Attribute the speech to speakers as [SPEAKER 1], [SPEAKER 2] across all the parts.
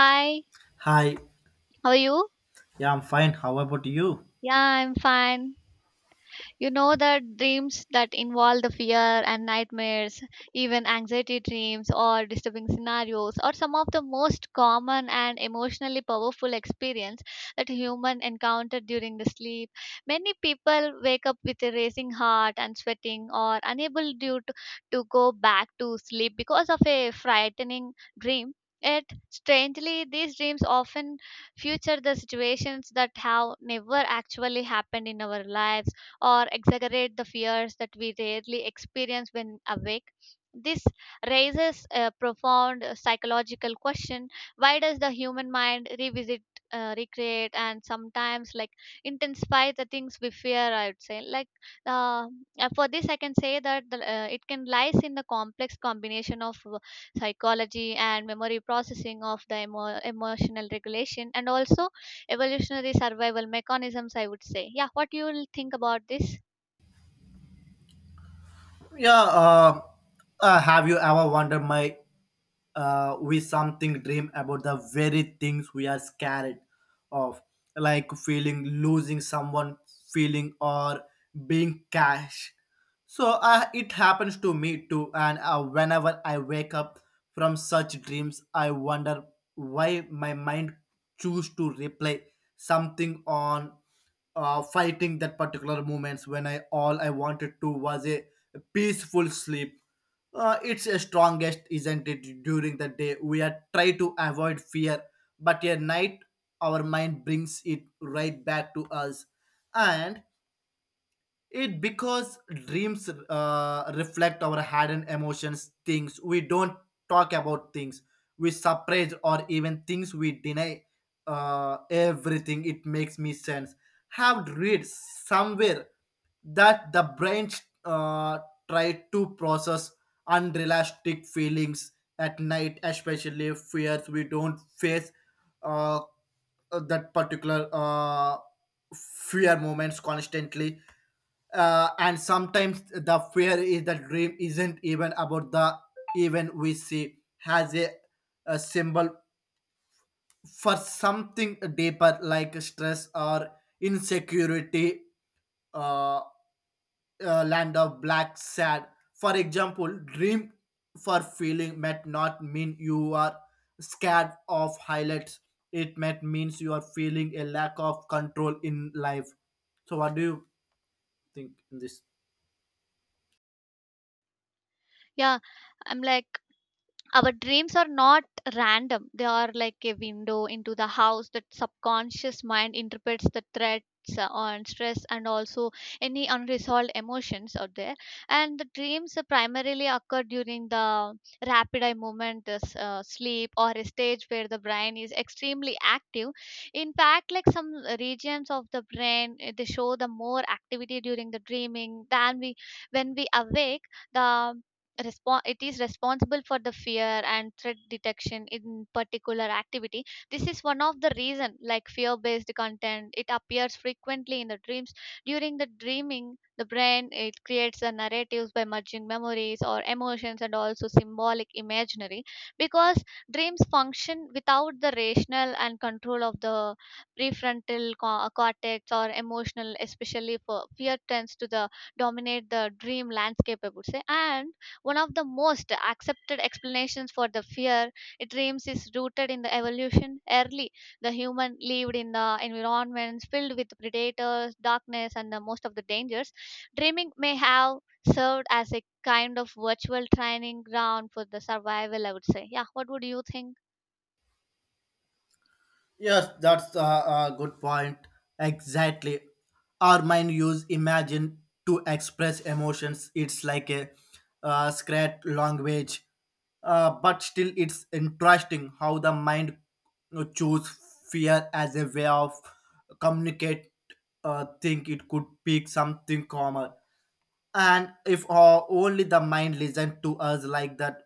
[SPEAKER 1] Hi,
[SPEAKER 2] Hi,
[SPEAKER 1] how are you?
[SPEAKER 2] yeah, I'm fine. How about you?
[SPEAKER 1] Yeah, I'm fine. You know that dreams that involve the fear and nightmares, even anxiety dreams or disturbing scenarios, are some of the most common and emotionally powerful experience that human encounter during the sleep. Many people wake up with a racing heart and sweating, or to go back to sleep because of a frightening dream. Yet, strangely, these dreams often future the situations that have never actually happened in our lives or exaggerate the fears that we rarely experience when awake. This raises a profound psychological question, why does the human mind revisit? Recreate and sometimes like intensify the things we fear, I would say, uh, for this I can say that it can lies in the complex combination of psychology and memory processing of the emotional regulation and also evolutionary survival mechanisms, I would say. Yeah, what you will think about this?
[SPEAKER 2] Yeah, have you ever wondered my we something dream about the very things we are scared of, like feeling losing someone, feeling or being cash. So it happens to me too, and whenever I wake up from such dreams, I wonder why my mind choose to replay something on fighting that particular moments when I all I wanted to was a peaceful sleep. It's a strongest, isn't it? During the day, we are try to avoid fear, but at night, our mind brings it right back to us, and it because dreams reflect our hidden emotions, things we don't talk about, things we suppress, or even things we deny. Everything it makes me sense. Have read somewhere that the brain uh, try to process unrealistic feelings at night, especially fears we don't face uh, that particular fear moments constantly, and sometimes the fear is that dream isn't even about the event we see has a symbol for something deeper like stress or insecurity. uh, Land of black sad, for example, dream for feeling might not mean you are scared of highlights, it might means you are feeling a lack of control in life. So what do you think in this?
[SPEAKER 1] Yeah, I'm like, our dreams are not random. They are like a window into the house that subconscious mind interprets the threats, and stress and also any unresolved emotions out there. And the dreams primarily occur during the rapid eye movement, this sleep or a stage where the brain is extremely active. In fact, like some regions of the brain, they show the more activity during the dreaming than we, when we awake. The it is responsible for the fear and threat detection in particular activity. This is one of the reason like fear based content it appears frequently in the dreams. During the dreaming, the brain it creates the narratives by merging memories or emotions and also symbolic imaginary, because dreams function without the rational and control of the prefrontal cortex, or emotional especially for fear tends to the dominate the dream landscape, I would say. And one of the most accepted explanations for the fear it dreams is rooted in the evolution. Early, the human lived in the environments filled with predators, darkness, and the most of the dangers. Dreaming may have served as a kind of virtual training ground for the survival, I would say. Yeah, what would you think?
[SPEAKER 2] Yes, that's a good point. Exactly. Our mind use imagine to express emotions. It's like a script language, but still, it's interesting how the mind choose fear as a way of communicate. Think it could pick something common, and if only the mind listen to us like that.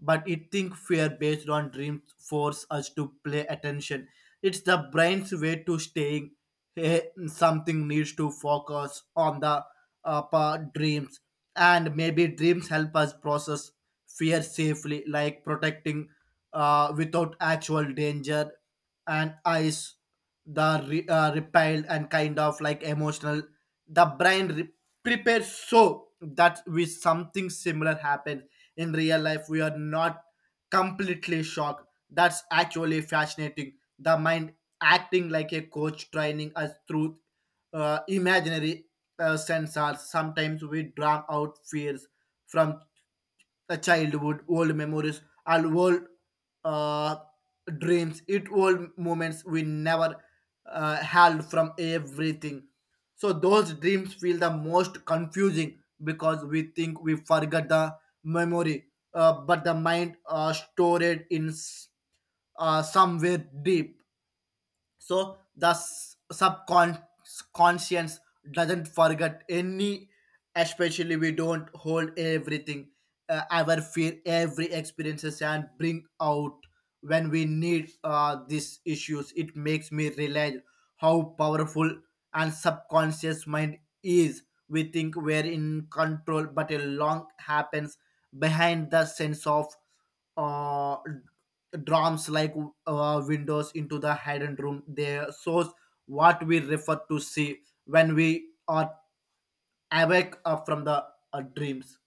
[SPEAKER 2] But it think fear based on dreams force us to play attention, it's the brain's way to staying, eh, something needs to focus on the dreams. And maybe dreams help us process fear safely, like protecting without actual danger. And eyes the repelled and kind of like emotional, the brain prepares so that we something similar happened in real life, we are not completely shocked. That's actually fascinating, the mind acting like a coach training us through imaginary sensors. Sometimes we drown out fears from a childhood, old memories, and old uh, dreams. It old moments we never held from everything. So those dreams feel the most confusing because we think we forgot the memory, but the mind stored in somewhere deep. So the subconscious doesn't forget any, especially we don't hold everything. Our fear every experiences and bring out when we need these issues. It makes me realize how powerful and subconscious mind is. We think we're in control but a long happens behind the sense of uh, drums, like windows into the hidden room. They shows what we refer to see when we are awake up from the dreams.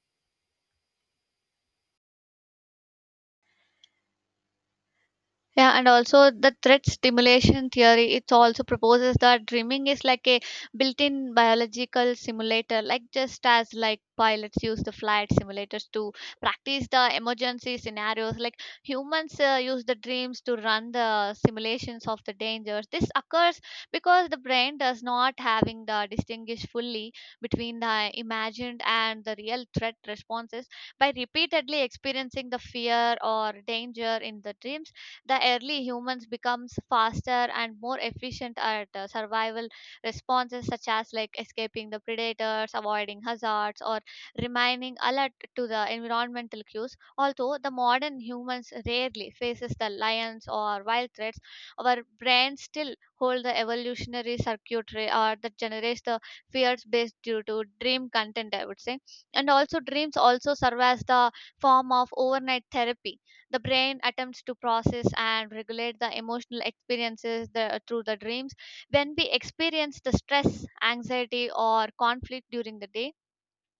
[SPEAKER 1] Yeah, and also the threat stimulation theory, it also proposes that dreaming is like a built-in biological simulator, like just as like pilots use the flight simulators to practice the emergency scenarios, like humans use the dreams to run the simulations of the dangers. This occurs because the brain does not having the distinguish fully between the imagined and the real threat responses. By repeatedly experiencing the fear or danger in the dreams, the early humans becomes faster and more efficient at survival responses such as like escaping the predators, avoiding hazards, or remaining alert to the environmental cues. Although the modern humans rarely faces the lions or wild threats, our brains still hold the evolutionary circuitry or that generates the fears based due to dream content, I would say. And also dreams also serve as the form of overnight therapy. The brain attempts to process and regulate the emotional experiences through the dreams. When we experience the stress, anxiety, or conflict during the day,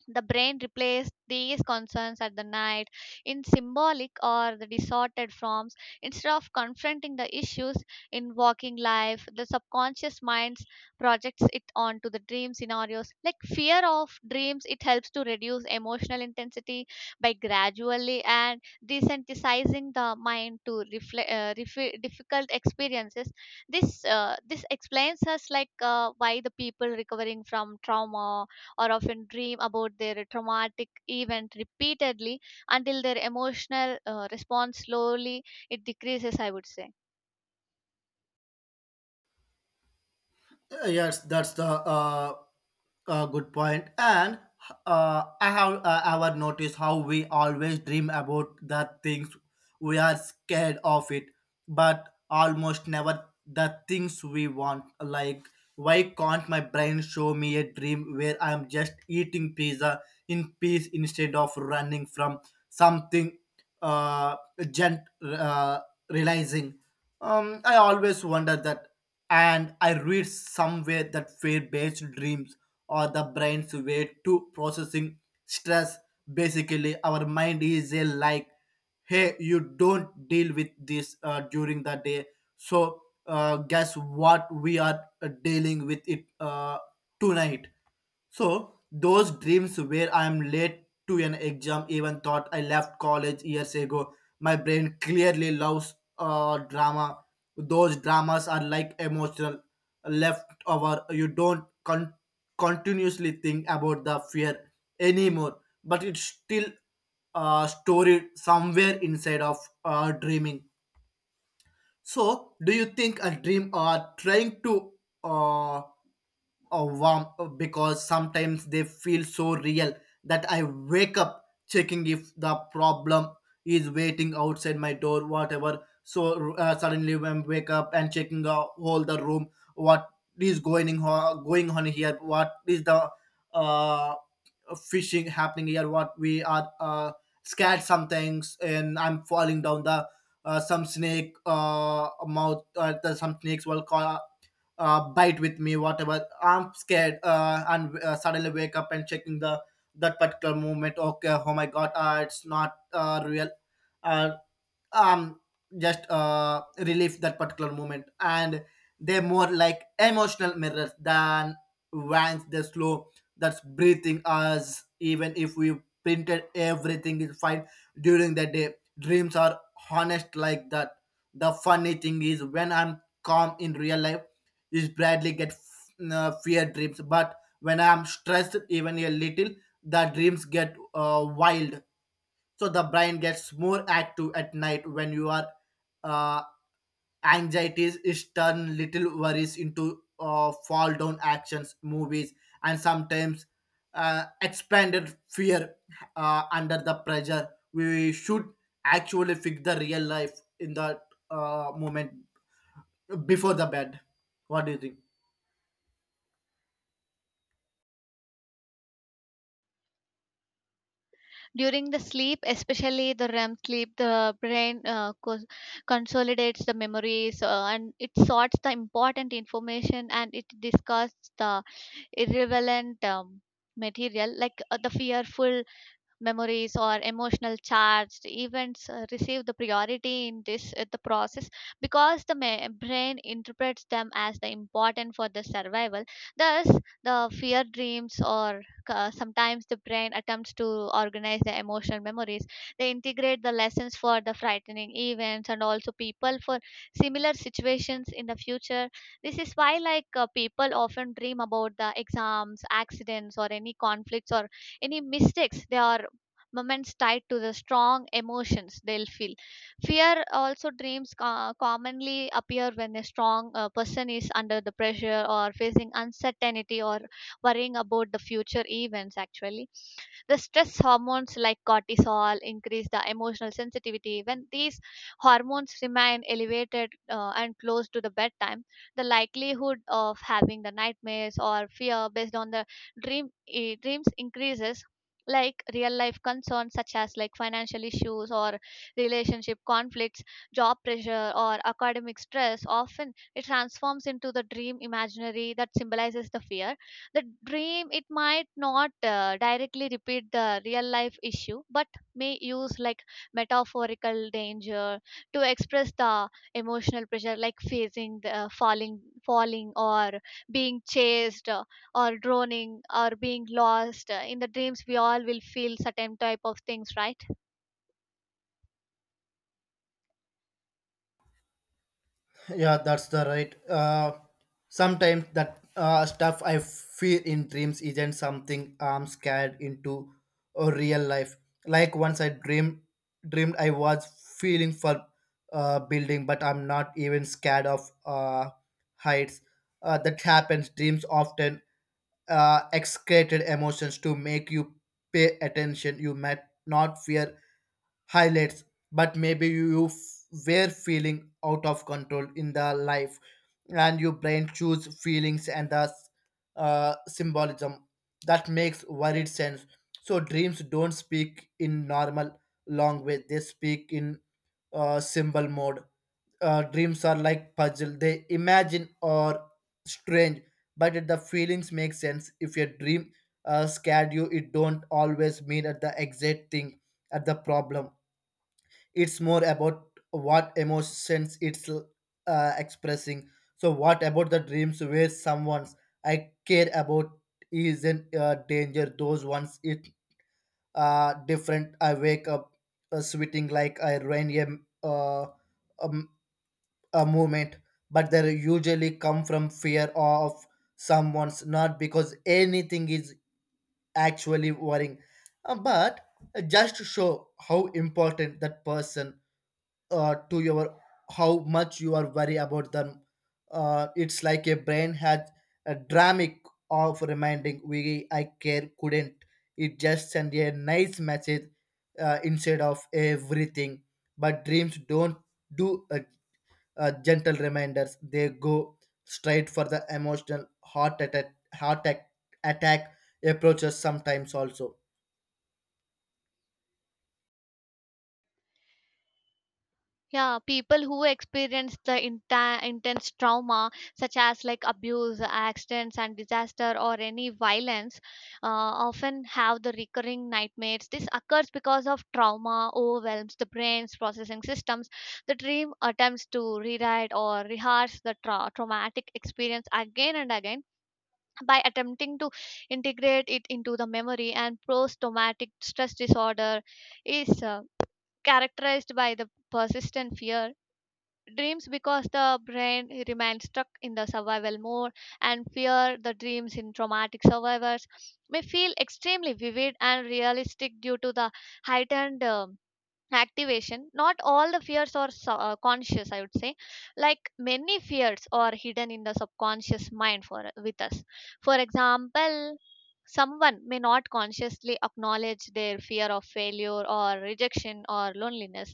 [SPEAKER 1] the brain replaced these concerns at the night in symbolic or the distorted forms. Instead of confronting the issues in waking life, the subconscious mind projects it onto the dream scenarios. Like fear of dreams, it helps to reduce emotional intensity by gradually and desensitizing the mind to difficult experiences. This explains us like why the people recovering from trauma or often dream about their traumatic event repeatedly until their emotional response slowly it decreases, I would say.
[SPEAKER 2] Yes, that's the good point. And I have ever noticed how we always dream about the things we are scared of it, but almost never the things we want. Like, why can't my brain show me a dream where I'm just eating pizza in peace instead of running from something, uh, gent, realizing? I always wonder that, and I read somewhere that fear-based dreams are the brain's way to processing stress. Basically, our mind is a like, hey, you don't deal with this during the day, so guess what? We are dealing with it tonight. So those dreams where I'm late to an exam, even thought I left college years ago. My brain clearly loves drama. Those dramas are like emotional leftover. You don't continuously think about the fear anymore, but it's still stored somewhere inside of dreaming. So, do you think a dream are trying to uh, or warm, because sometimes they feel so real that I wake up checking if the problem is waiting outside my door, whatever. So suddenly when wake up and checking the whole the room, what is going on, going on here? What is the uh, fishing happening here? What we are scared some things, and I'm falling down the some snake mouth. The some snakes will call bite with me, whatever I'm scared, and suddenly wake up and checking the that particular movement. Okay, oh my god, it's not real. uh, um just relive that particular moment. And they're more like emotional mirrors than vans, they slow, that's breathing us even if we printed everything is fine. During the day, dreams are honest like that. The funny thing is when I'm calm in real life is bradley get fear dreams, but when I'm stressed even a little, the dreams get wild. So the brain gets more active at night when your uh, anxieties is turn little worries into fall down actions movies. And sometimes expanded fear under the pressure, we should actually fix the real life in that moment before the bed. What do you think?
[SPEAKER 1] During the sleep, especially the REM sleep, the brain consolidates the memories, and it sorts the important information and it discards the irrelevant material like the fearful memories or emotional charged events receive the priority in this the process, because the brain interprets them as the important for the survival. Thus, the fear dreams or sometimes the brain attempts to organize the emotional memories. They integrate the lessons for the frightening events and also people for similar situations in the future. This is why like people often dream about the exams, accidents, or any conflicts, or any mistakes they are moments tied to the strong emotions they'll feel. Fear also dreams commonly appear when a strong person is under the pressure or facing uncertainty or worrying about the future events. Actually, the stress hormones like cortisol increase the emotional sensitivity. When these hormones remain elevated and close to the bedtime, the likelihood of having the nightmares or fear based on the dreams increases. Like real life concerns such as like financial issues or relationship conflicts, job pressure or academic stress, often it transforms into the dream imaginary that symbolizes the fear. The dream it might not directly repeat the real life issue, but may use like metaphorical danger to express the emotional pressure, like facing the falling, or being chased, or drowning, or being lost. In the dreams we all will feel certain type of things, right?
[SPEAKER 2] Yeah, that's the right. Sometimes that stuff I feel in dreams isn't something I'm scared into or real life. Like once I dreamed I was feeling for building, but I'm not even scared of heights. That happens. Dreams often excreted emotions to make you pay attention. You might not fear highlights, but maybe you were feeling out of control in the life, and your brain choose feelings and the symbolism that makes worried sense. So dreams don't speak in normal language; they speak in symbol mode. Dreams are like puzzle; they imagine or strange, but if the feelings make sense. If your dream scared you, it don't always mean at the exact thing at the problem, it's more about what emotions it's expressing. So what about the dreams where someone's I care about is in danger? Those ones it different. I wake up sweating like I ran uh, um, a movement. But they usually come from fear of someone's, not because anything is actually worrying. But just to show how important that person to your, how much you are worry about them. It's like a brain had a dramatic of reminding we I care couldn't. It just send a nice message instead of everything. But dreams don't do gentle reminders. They go straight for the emotional heart attack approaches sometimes also.
[SPEAKER 1] Yeah, people who experience the intense trauma, such as like abuse, accidents, and disaster, or any violence, often have the recurring nightmares. This occurs because of trauma overwhelms the brain's processing systems. The dream attempts to rewrite or rehearse the traumatic experience again and again, by attempting to integrate it into the memory. And post-traumatic stress disorder is characterized by the persistent fear dreams because the brain remains stuck in the survival mode. And fear the dreams in traumatic survivors may feel extremely vivid and realistic due to the heightened activation. Not all the fears are conscious, I would say. Like many fears are hidden in the subconscious mind for with us. For example, someone may not consciously acknowledge their fear of failure or rejection or loneliness.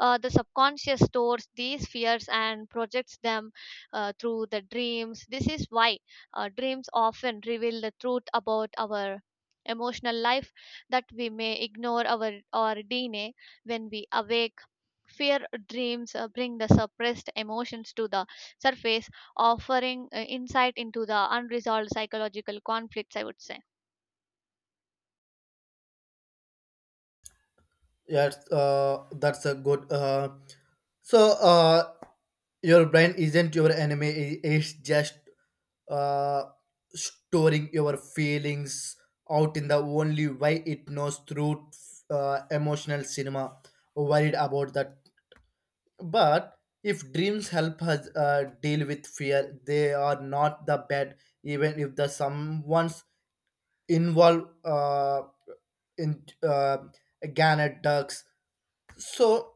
[SPEAKER 1] The subconscious stores these fears and projects them through the dreams. This is why dreams often reveal the truth about our emotional life that we may ignore our DNA when we awake. Fear dreams bring the suppressed emotions to the surface, offering insight into the unresolved psychological conflicts, I would say.
[SPEAKER 2] Yes, that's a good. So your brain isn't your enemy, it's just uh, storing your feelings out in the only way it knows through emotional cinema. Worried about that. But if dreams help us deal with fear, they are not the bad, even if the someone's involved in Gannet ducks. So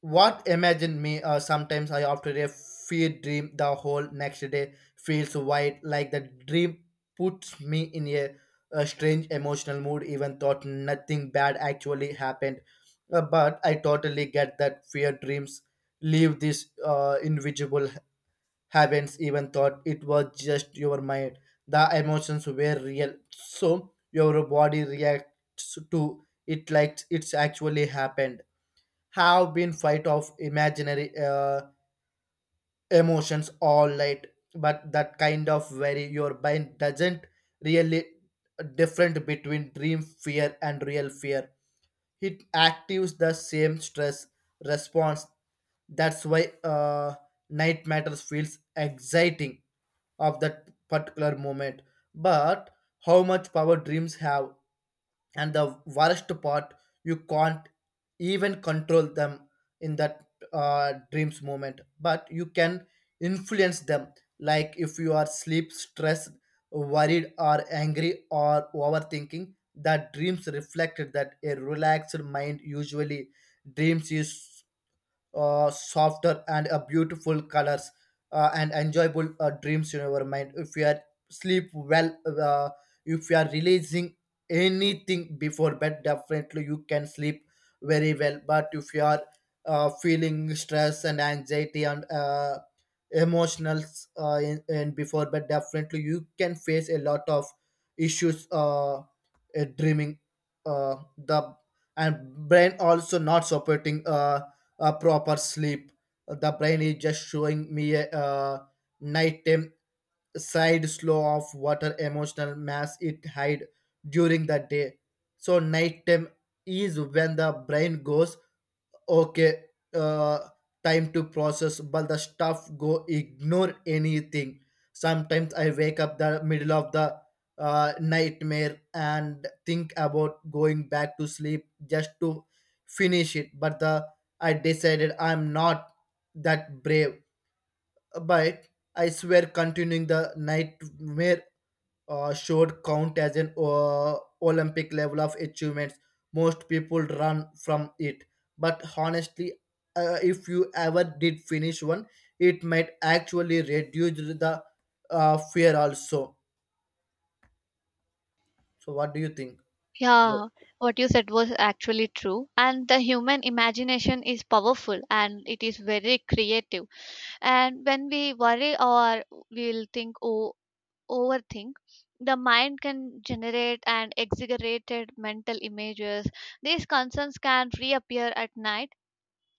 [SPEAKER 2] what imagine me? Sometimes I after a fear dream, the whole next day feels white, like the dream puts me in a strange emotional mood. Even thought nothing bad actually happened. But I totally get that fear dreams leave this invisible heavens. Even thought it was just your mind, the emotions were real, so your body reacts to it like it's actually happened. Have been fight of imaginary emotions all night. But that kind of very your mind doesn't really different between dream fear and real fear, it actives the same stress response. That's why night matters feels exciting of that particular moment. But how much power dreams have, and the worst part, you can't even control them in that dreams moment, but you can influence them. Like if you are sleep stressed, worried or angry or overthinking, that dreams reflected that. A relaxed mind usually dreams is softer and beautiful colors, and enjoyable dreams in your mind if you are sleep well. If you are releasing anything before bed, definitely you can sleep very well. But if you are feeling stress and anxiety and emotional in before bed, definitely you can face a lot of issues dreaming. The And brain also not supporting proper sleep. The brain is just showing me a nighttime side slow of water emotional mass it hide during the day. So nighttime is when the brain goes okay, uh, time to process but the stuff go ignore anything. Sometimes I wake up the middle of the nightmare and think about going back to sleep just to finish it, but the I decided I'm not that brave. But I swear continuing the nightmare should count as an Olympic level of achievements. Most people run from it. But honestly, if you ever did finish one, it might actually reduce the fear also. So, what do you think about?
[SPEAKER 1] Yeah, what you said was actually true. And the human imagination is powerful and it is very creative. And when we worry or we'll think or overthink, the mind can generate and exaggerated mental images. These concerns can reappear at night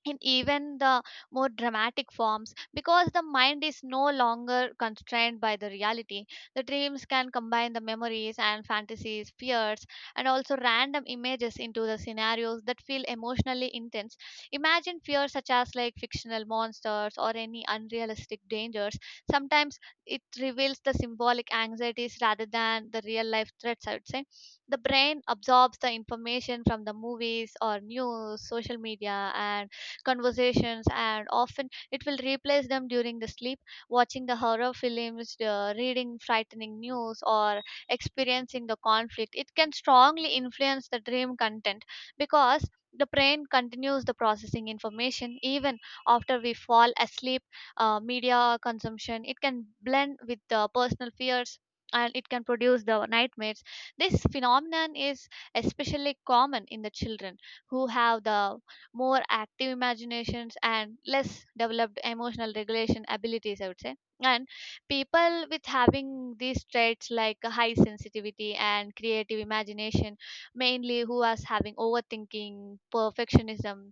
[SPEAKER 1] in even the more dramatic forms because the mind is no longer constrained by the reality. The dreams can combine the memories and fantasies, fears, and also random images into the scenarios that feel emotionally intense. Imagine fears such as like fictional monsters or any unrealistic dangers sometimes it reveals the symbolic anxieties rather than the real life threats, I would say. The brain absorbs the information from the movies or news, social media, and conversations, and often it will replace them during the sleep. Watching the horror films, reading frightening news, or experiencing the conflict, it can strongly influence the dream content because the brain continues the processing information even after we fall asleep. Media consumption it can blend with the personal fears and it can produce the nightmares. This phenomenon is especially common in the children who have the more active imaginations and less developed emotional regulation abilities, I would say. And people with having these traits like a high sensitivity and creative imagination, mainly who was having overthinking, perfectionism,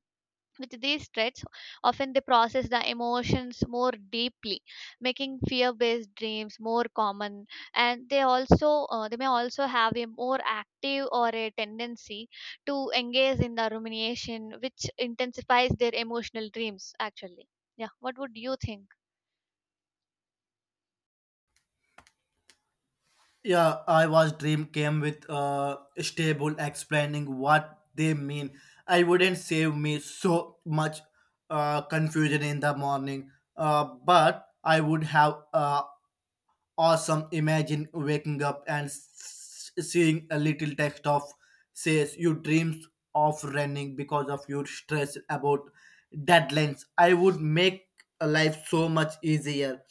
[SPEAKER 1] with these threats, often they process the emotions more deeply, making fear-based dreams more common. And they also they may also have a more active or a tendency to engage in the rumination, which intensifies their emotional dreams. Actually, yeah. What would you think?
[SPEAKER 2] Yeah, I was dream came with stable explaining what they mean. I wouldn't save me so much confusion in the morning, but I would have awesome. Imagine waking up and seeing a little text of says you dreams of running because of your stress about deadlines. I would make a life so much easier.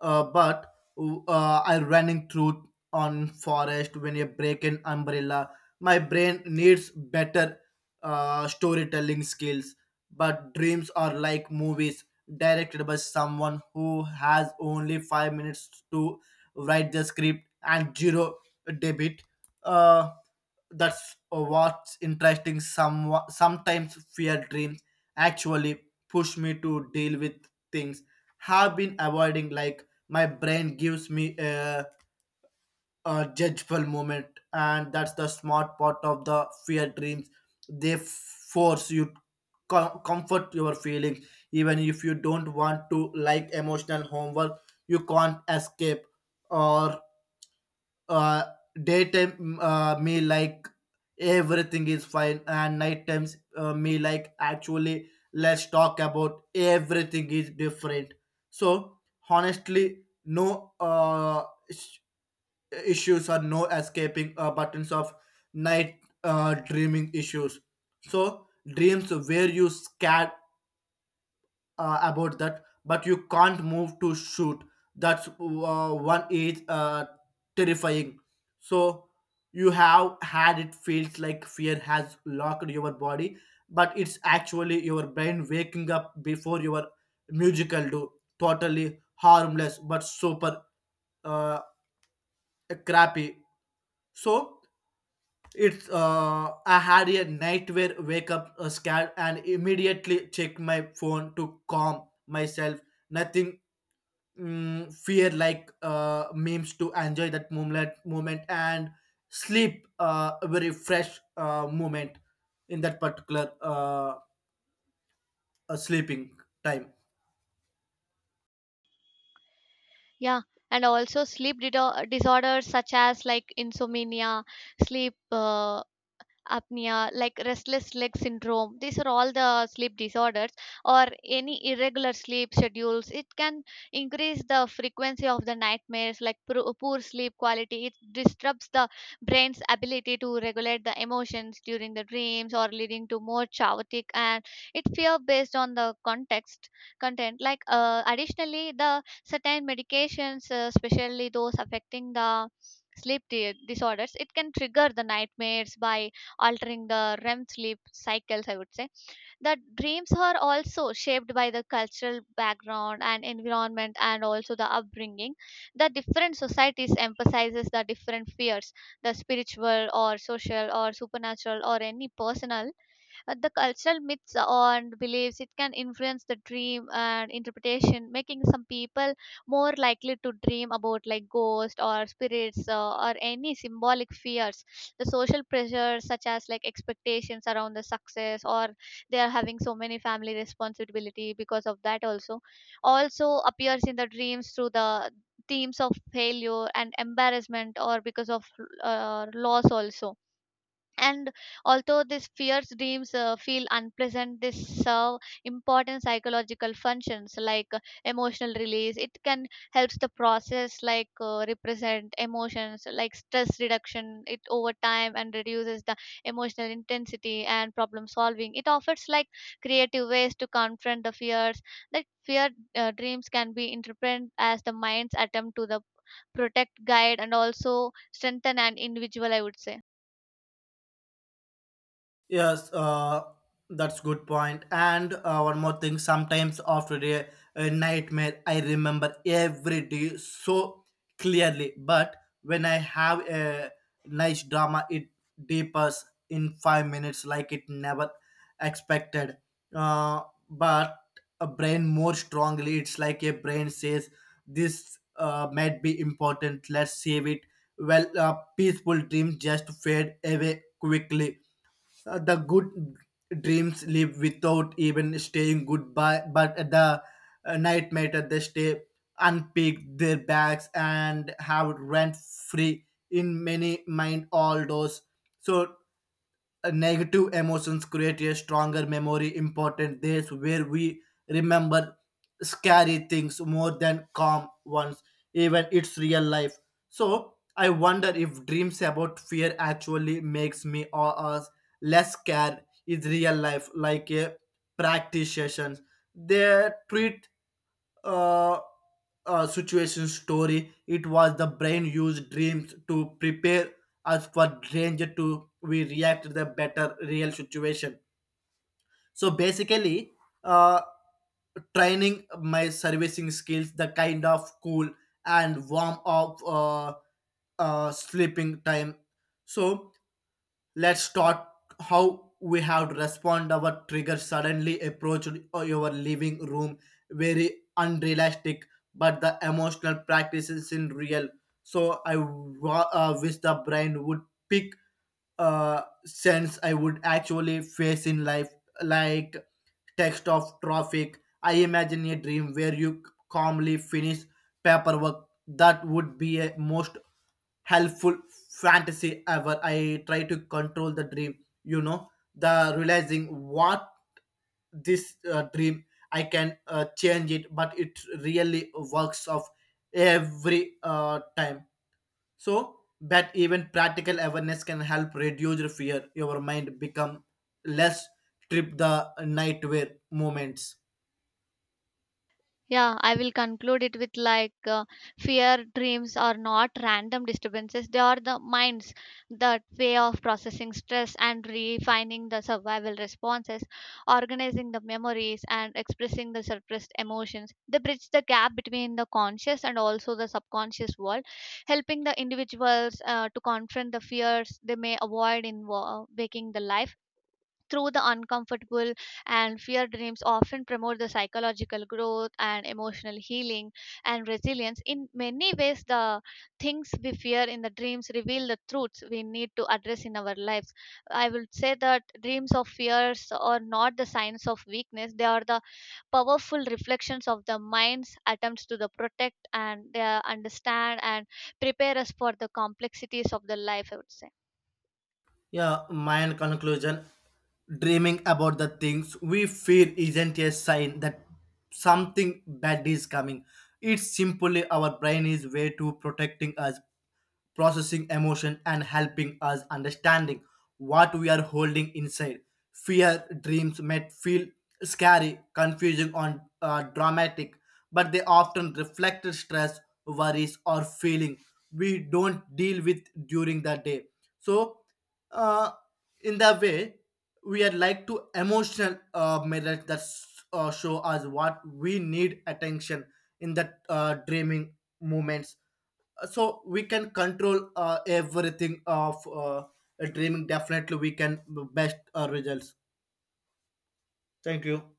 [SPEAKER 2] But I running through on forest when you break an umbrella. My brain needs better storytelling skills. But dreams are like movies directed by someone who has only 5 minutes to write the script and zero debit. uh, that's what's interesting. Sometimes fear dreams actually push me to deal with things have been avoiding, like my brain gives me a judgeful moment. And that's the smart part of the fear dreams. They force you comfort your feelings even if you don't want to, like emotional homework you can't escape. Or uh, daytime, me like everything is fine, and night times me like actually let's talk about everything is different. So honestly, no is- issues or no escaping buttons of night dreaming issues. So dreams where you scared about that but you can't move to shoot, that's one is terrifying. So you have had it, feels like fear has locked your body, but it's actually your brain waking up before your musical do. Totally harmless but super uh, crappy. So it's, I had a nightmare, wake up scared and immediately check my phone to calm myself. Nothing. Fear like memes to enjoy that moment and sleep, a very fresh moment in that particular sleeping time.
[SPEAKER 1] Yeah, and also sleep disorders such as like insomnia, sleep apnea, like restless leg syndrome, these are all the sleep disorders or any irregular sleep schedules it can increase the frequency of the nightmares. Like poor sleep quality it disrupts the brain's ability to regulate the emotions during the dreams or leading to more chaotic and it fear based on the context content. Like additionally, the certain medications, especially those affecting the sleep disorders, it can trigger the nightmares by altering the REM sleep cycles, I would say. The dreams are also shaped by the cultural background and environment and also the upbringing. The different societies emphasizes the different fears, the spiritual or social or supernatural or any personal, the cultural myths and beliefs it can influence the dream and interpretation, making some people more likely to dream about like ghosts or spirits, or any symbolic fears. The social pressures, such as like expectations around the success, or they are having so many family responsibility because of that also, also appears in the dreams through the themes of failure and embarrassment or because of loss also. And although these fears dreams feel unpleasant, they serve important psychological functions, like emotional release it can helps the process, like represent emotions, like stress reduction it over time and reduces the emotional intensity, and problem solving it offers like creative ways to confront the fears. Like fear dreams can be interpreted as the mind's attempt to the protect, guide, and also strengthen an individual, I would say.
[SPEAKER 2] Yes, that's good point. And one more thing, sometimes after a nightmare, I remember every day so clearly. But when I have a nice drama, it deepens in 5 minutes like it never expected. Uh, but a brain more strongly, it's like a brain says, this might be important, let's save it. Well, peaceful dreams just fade away quickly. The good dreams live without even staying goodbye, but the night matter they stay, unpick their bags and have rent free in many mind all those. So negative emotions create a stronger memory important days where we remember scary things more than calm ones, even it's real life. So I wonder if dreams about fear actually makes me or us less scared. Is real life like a practice sessions they treat uh, situation story. It was the brain used dreams to prepare us for danger to we react to the better real situation. So basically, uh, training my servicing skills, the kind of cool and warm up sleeping time. So let's talk how we have to respond our trigger suddenly approached your living room, very unrealistic, but the emotional practice is in real. So I wish the brain would pick sense I would actually face in life, like text of traffic. I imagine a dream where you calmly finish paperwork, that would be a most helpful fantasy ever. I try to control the dream, you know, the realizing what this dream I can change it, but it really works off every time. So that even practical awareness can help reduce your fear. Your mind become less trip the nightmare moments.
[SPEAKER 1] Yeah, I will conclude it with like fear dreams are not random disturbances. They are the minds that way of processing stress and refining the survival responses, organizing the memories and expressing the suppressed emotions. They bridge the gap between the conscious and also the subconscious world, helping the individuals to confront the fears they may avoid in waking the life through the uncomfortable. And fear dreams often promote the psychological growth and emotional healing and resilience. In many ways, the things we fear in the dreams reveal the truths we need to address in our lives. I will say that dreams of fears are not the signs of weakness. They are the powerful reflections of the mind's attempts to the protect and understand and prepare us for the complexities of the life, I would say.
[SPEAKER 2] Yeah, my conclusion, dreaming about the things we fear isn't a sign that something bad is coming. It's simply our brain is way to protecting us, processing emotion and helping us understanding what we are holding inside. Fear dreams may feel scary, confusing or dramatic, but they often reflect stress, worries or feeling we don't deal with during the day. So uh, in that way we are like to emotional mirrors that show us what we need attention in the dreaming moments. So we can control everything of dreaming, definitely we can best results. Thank you.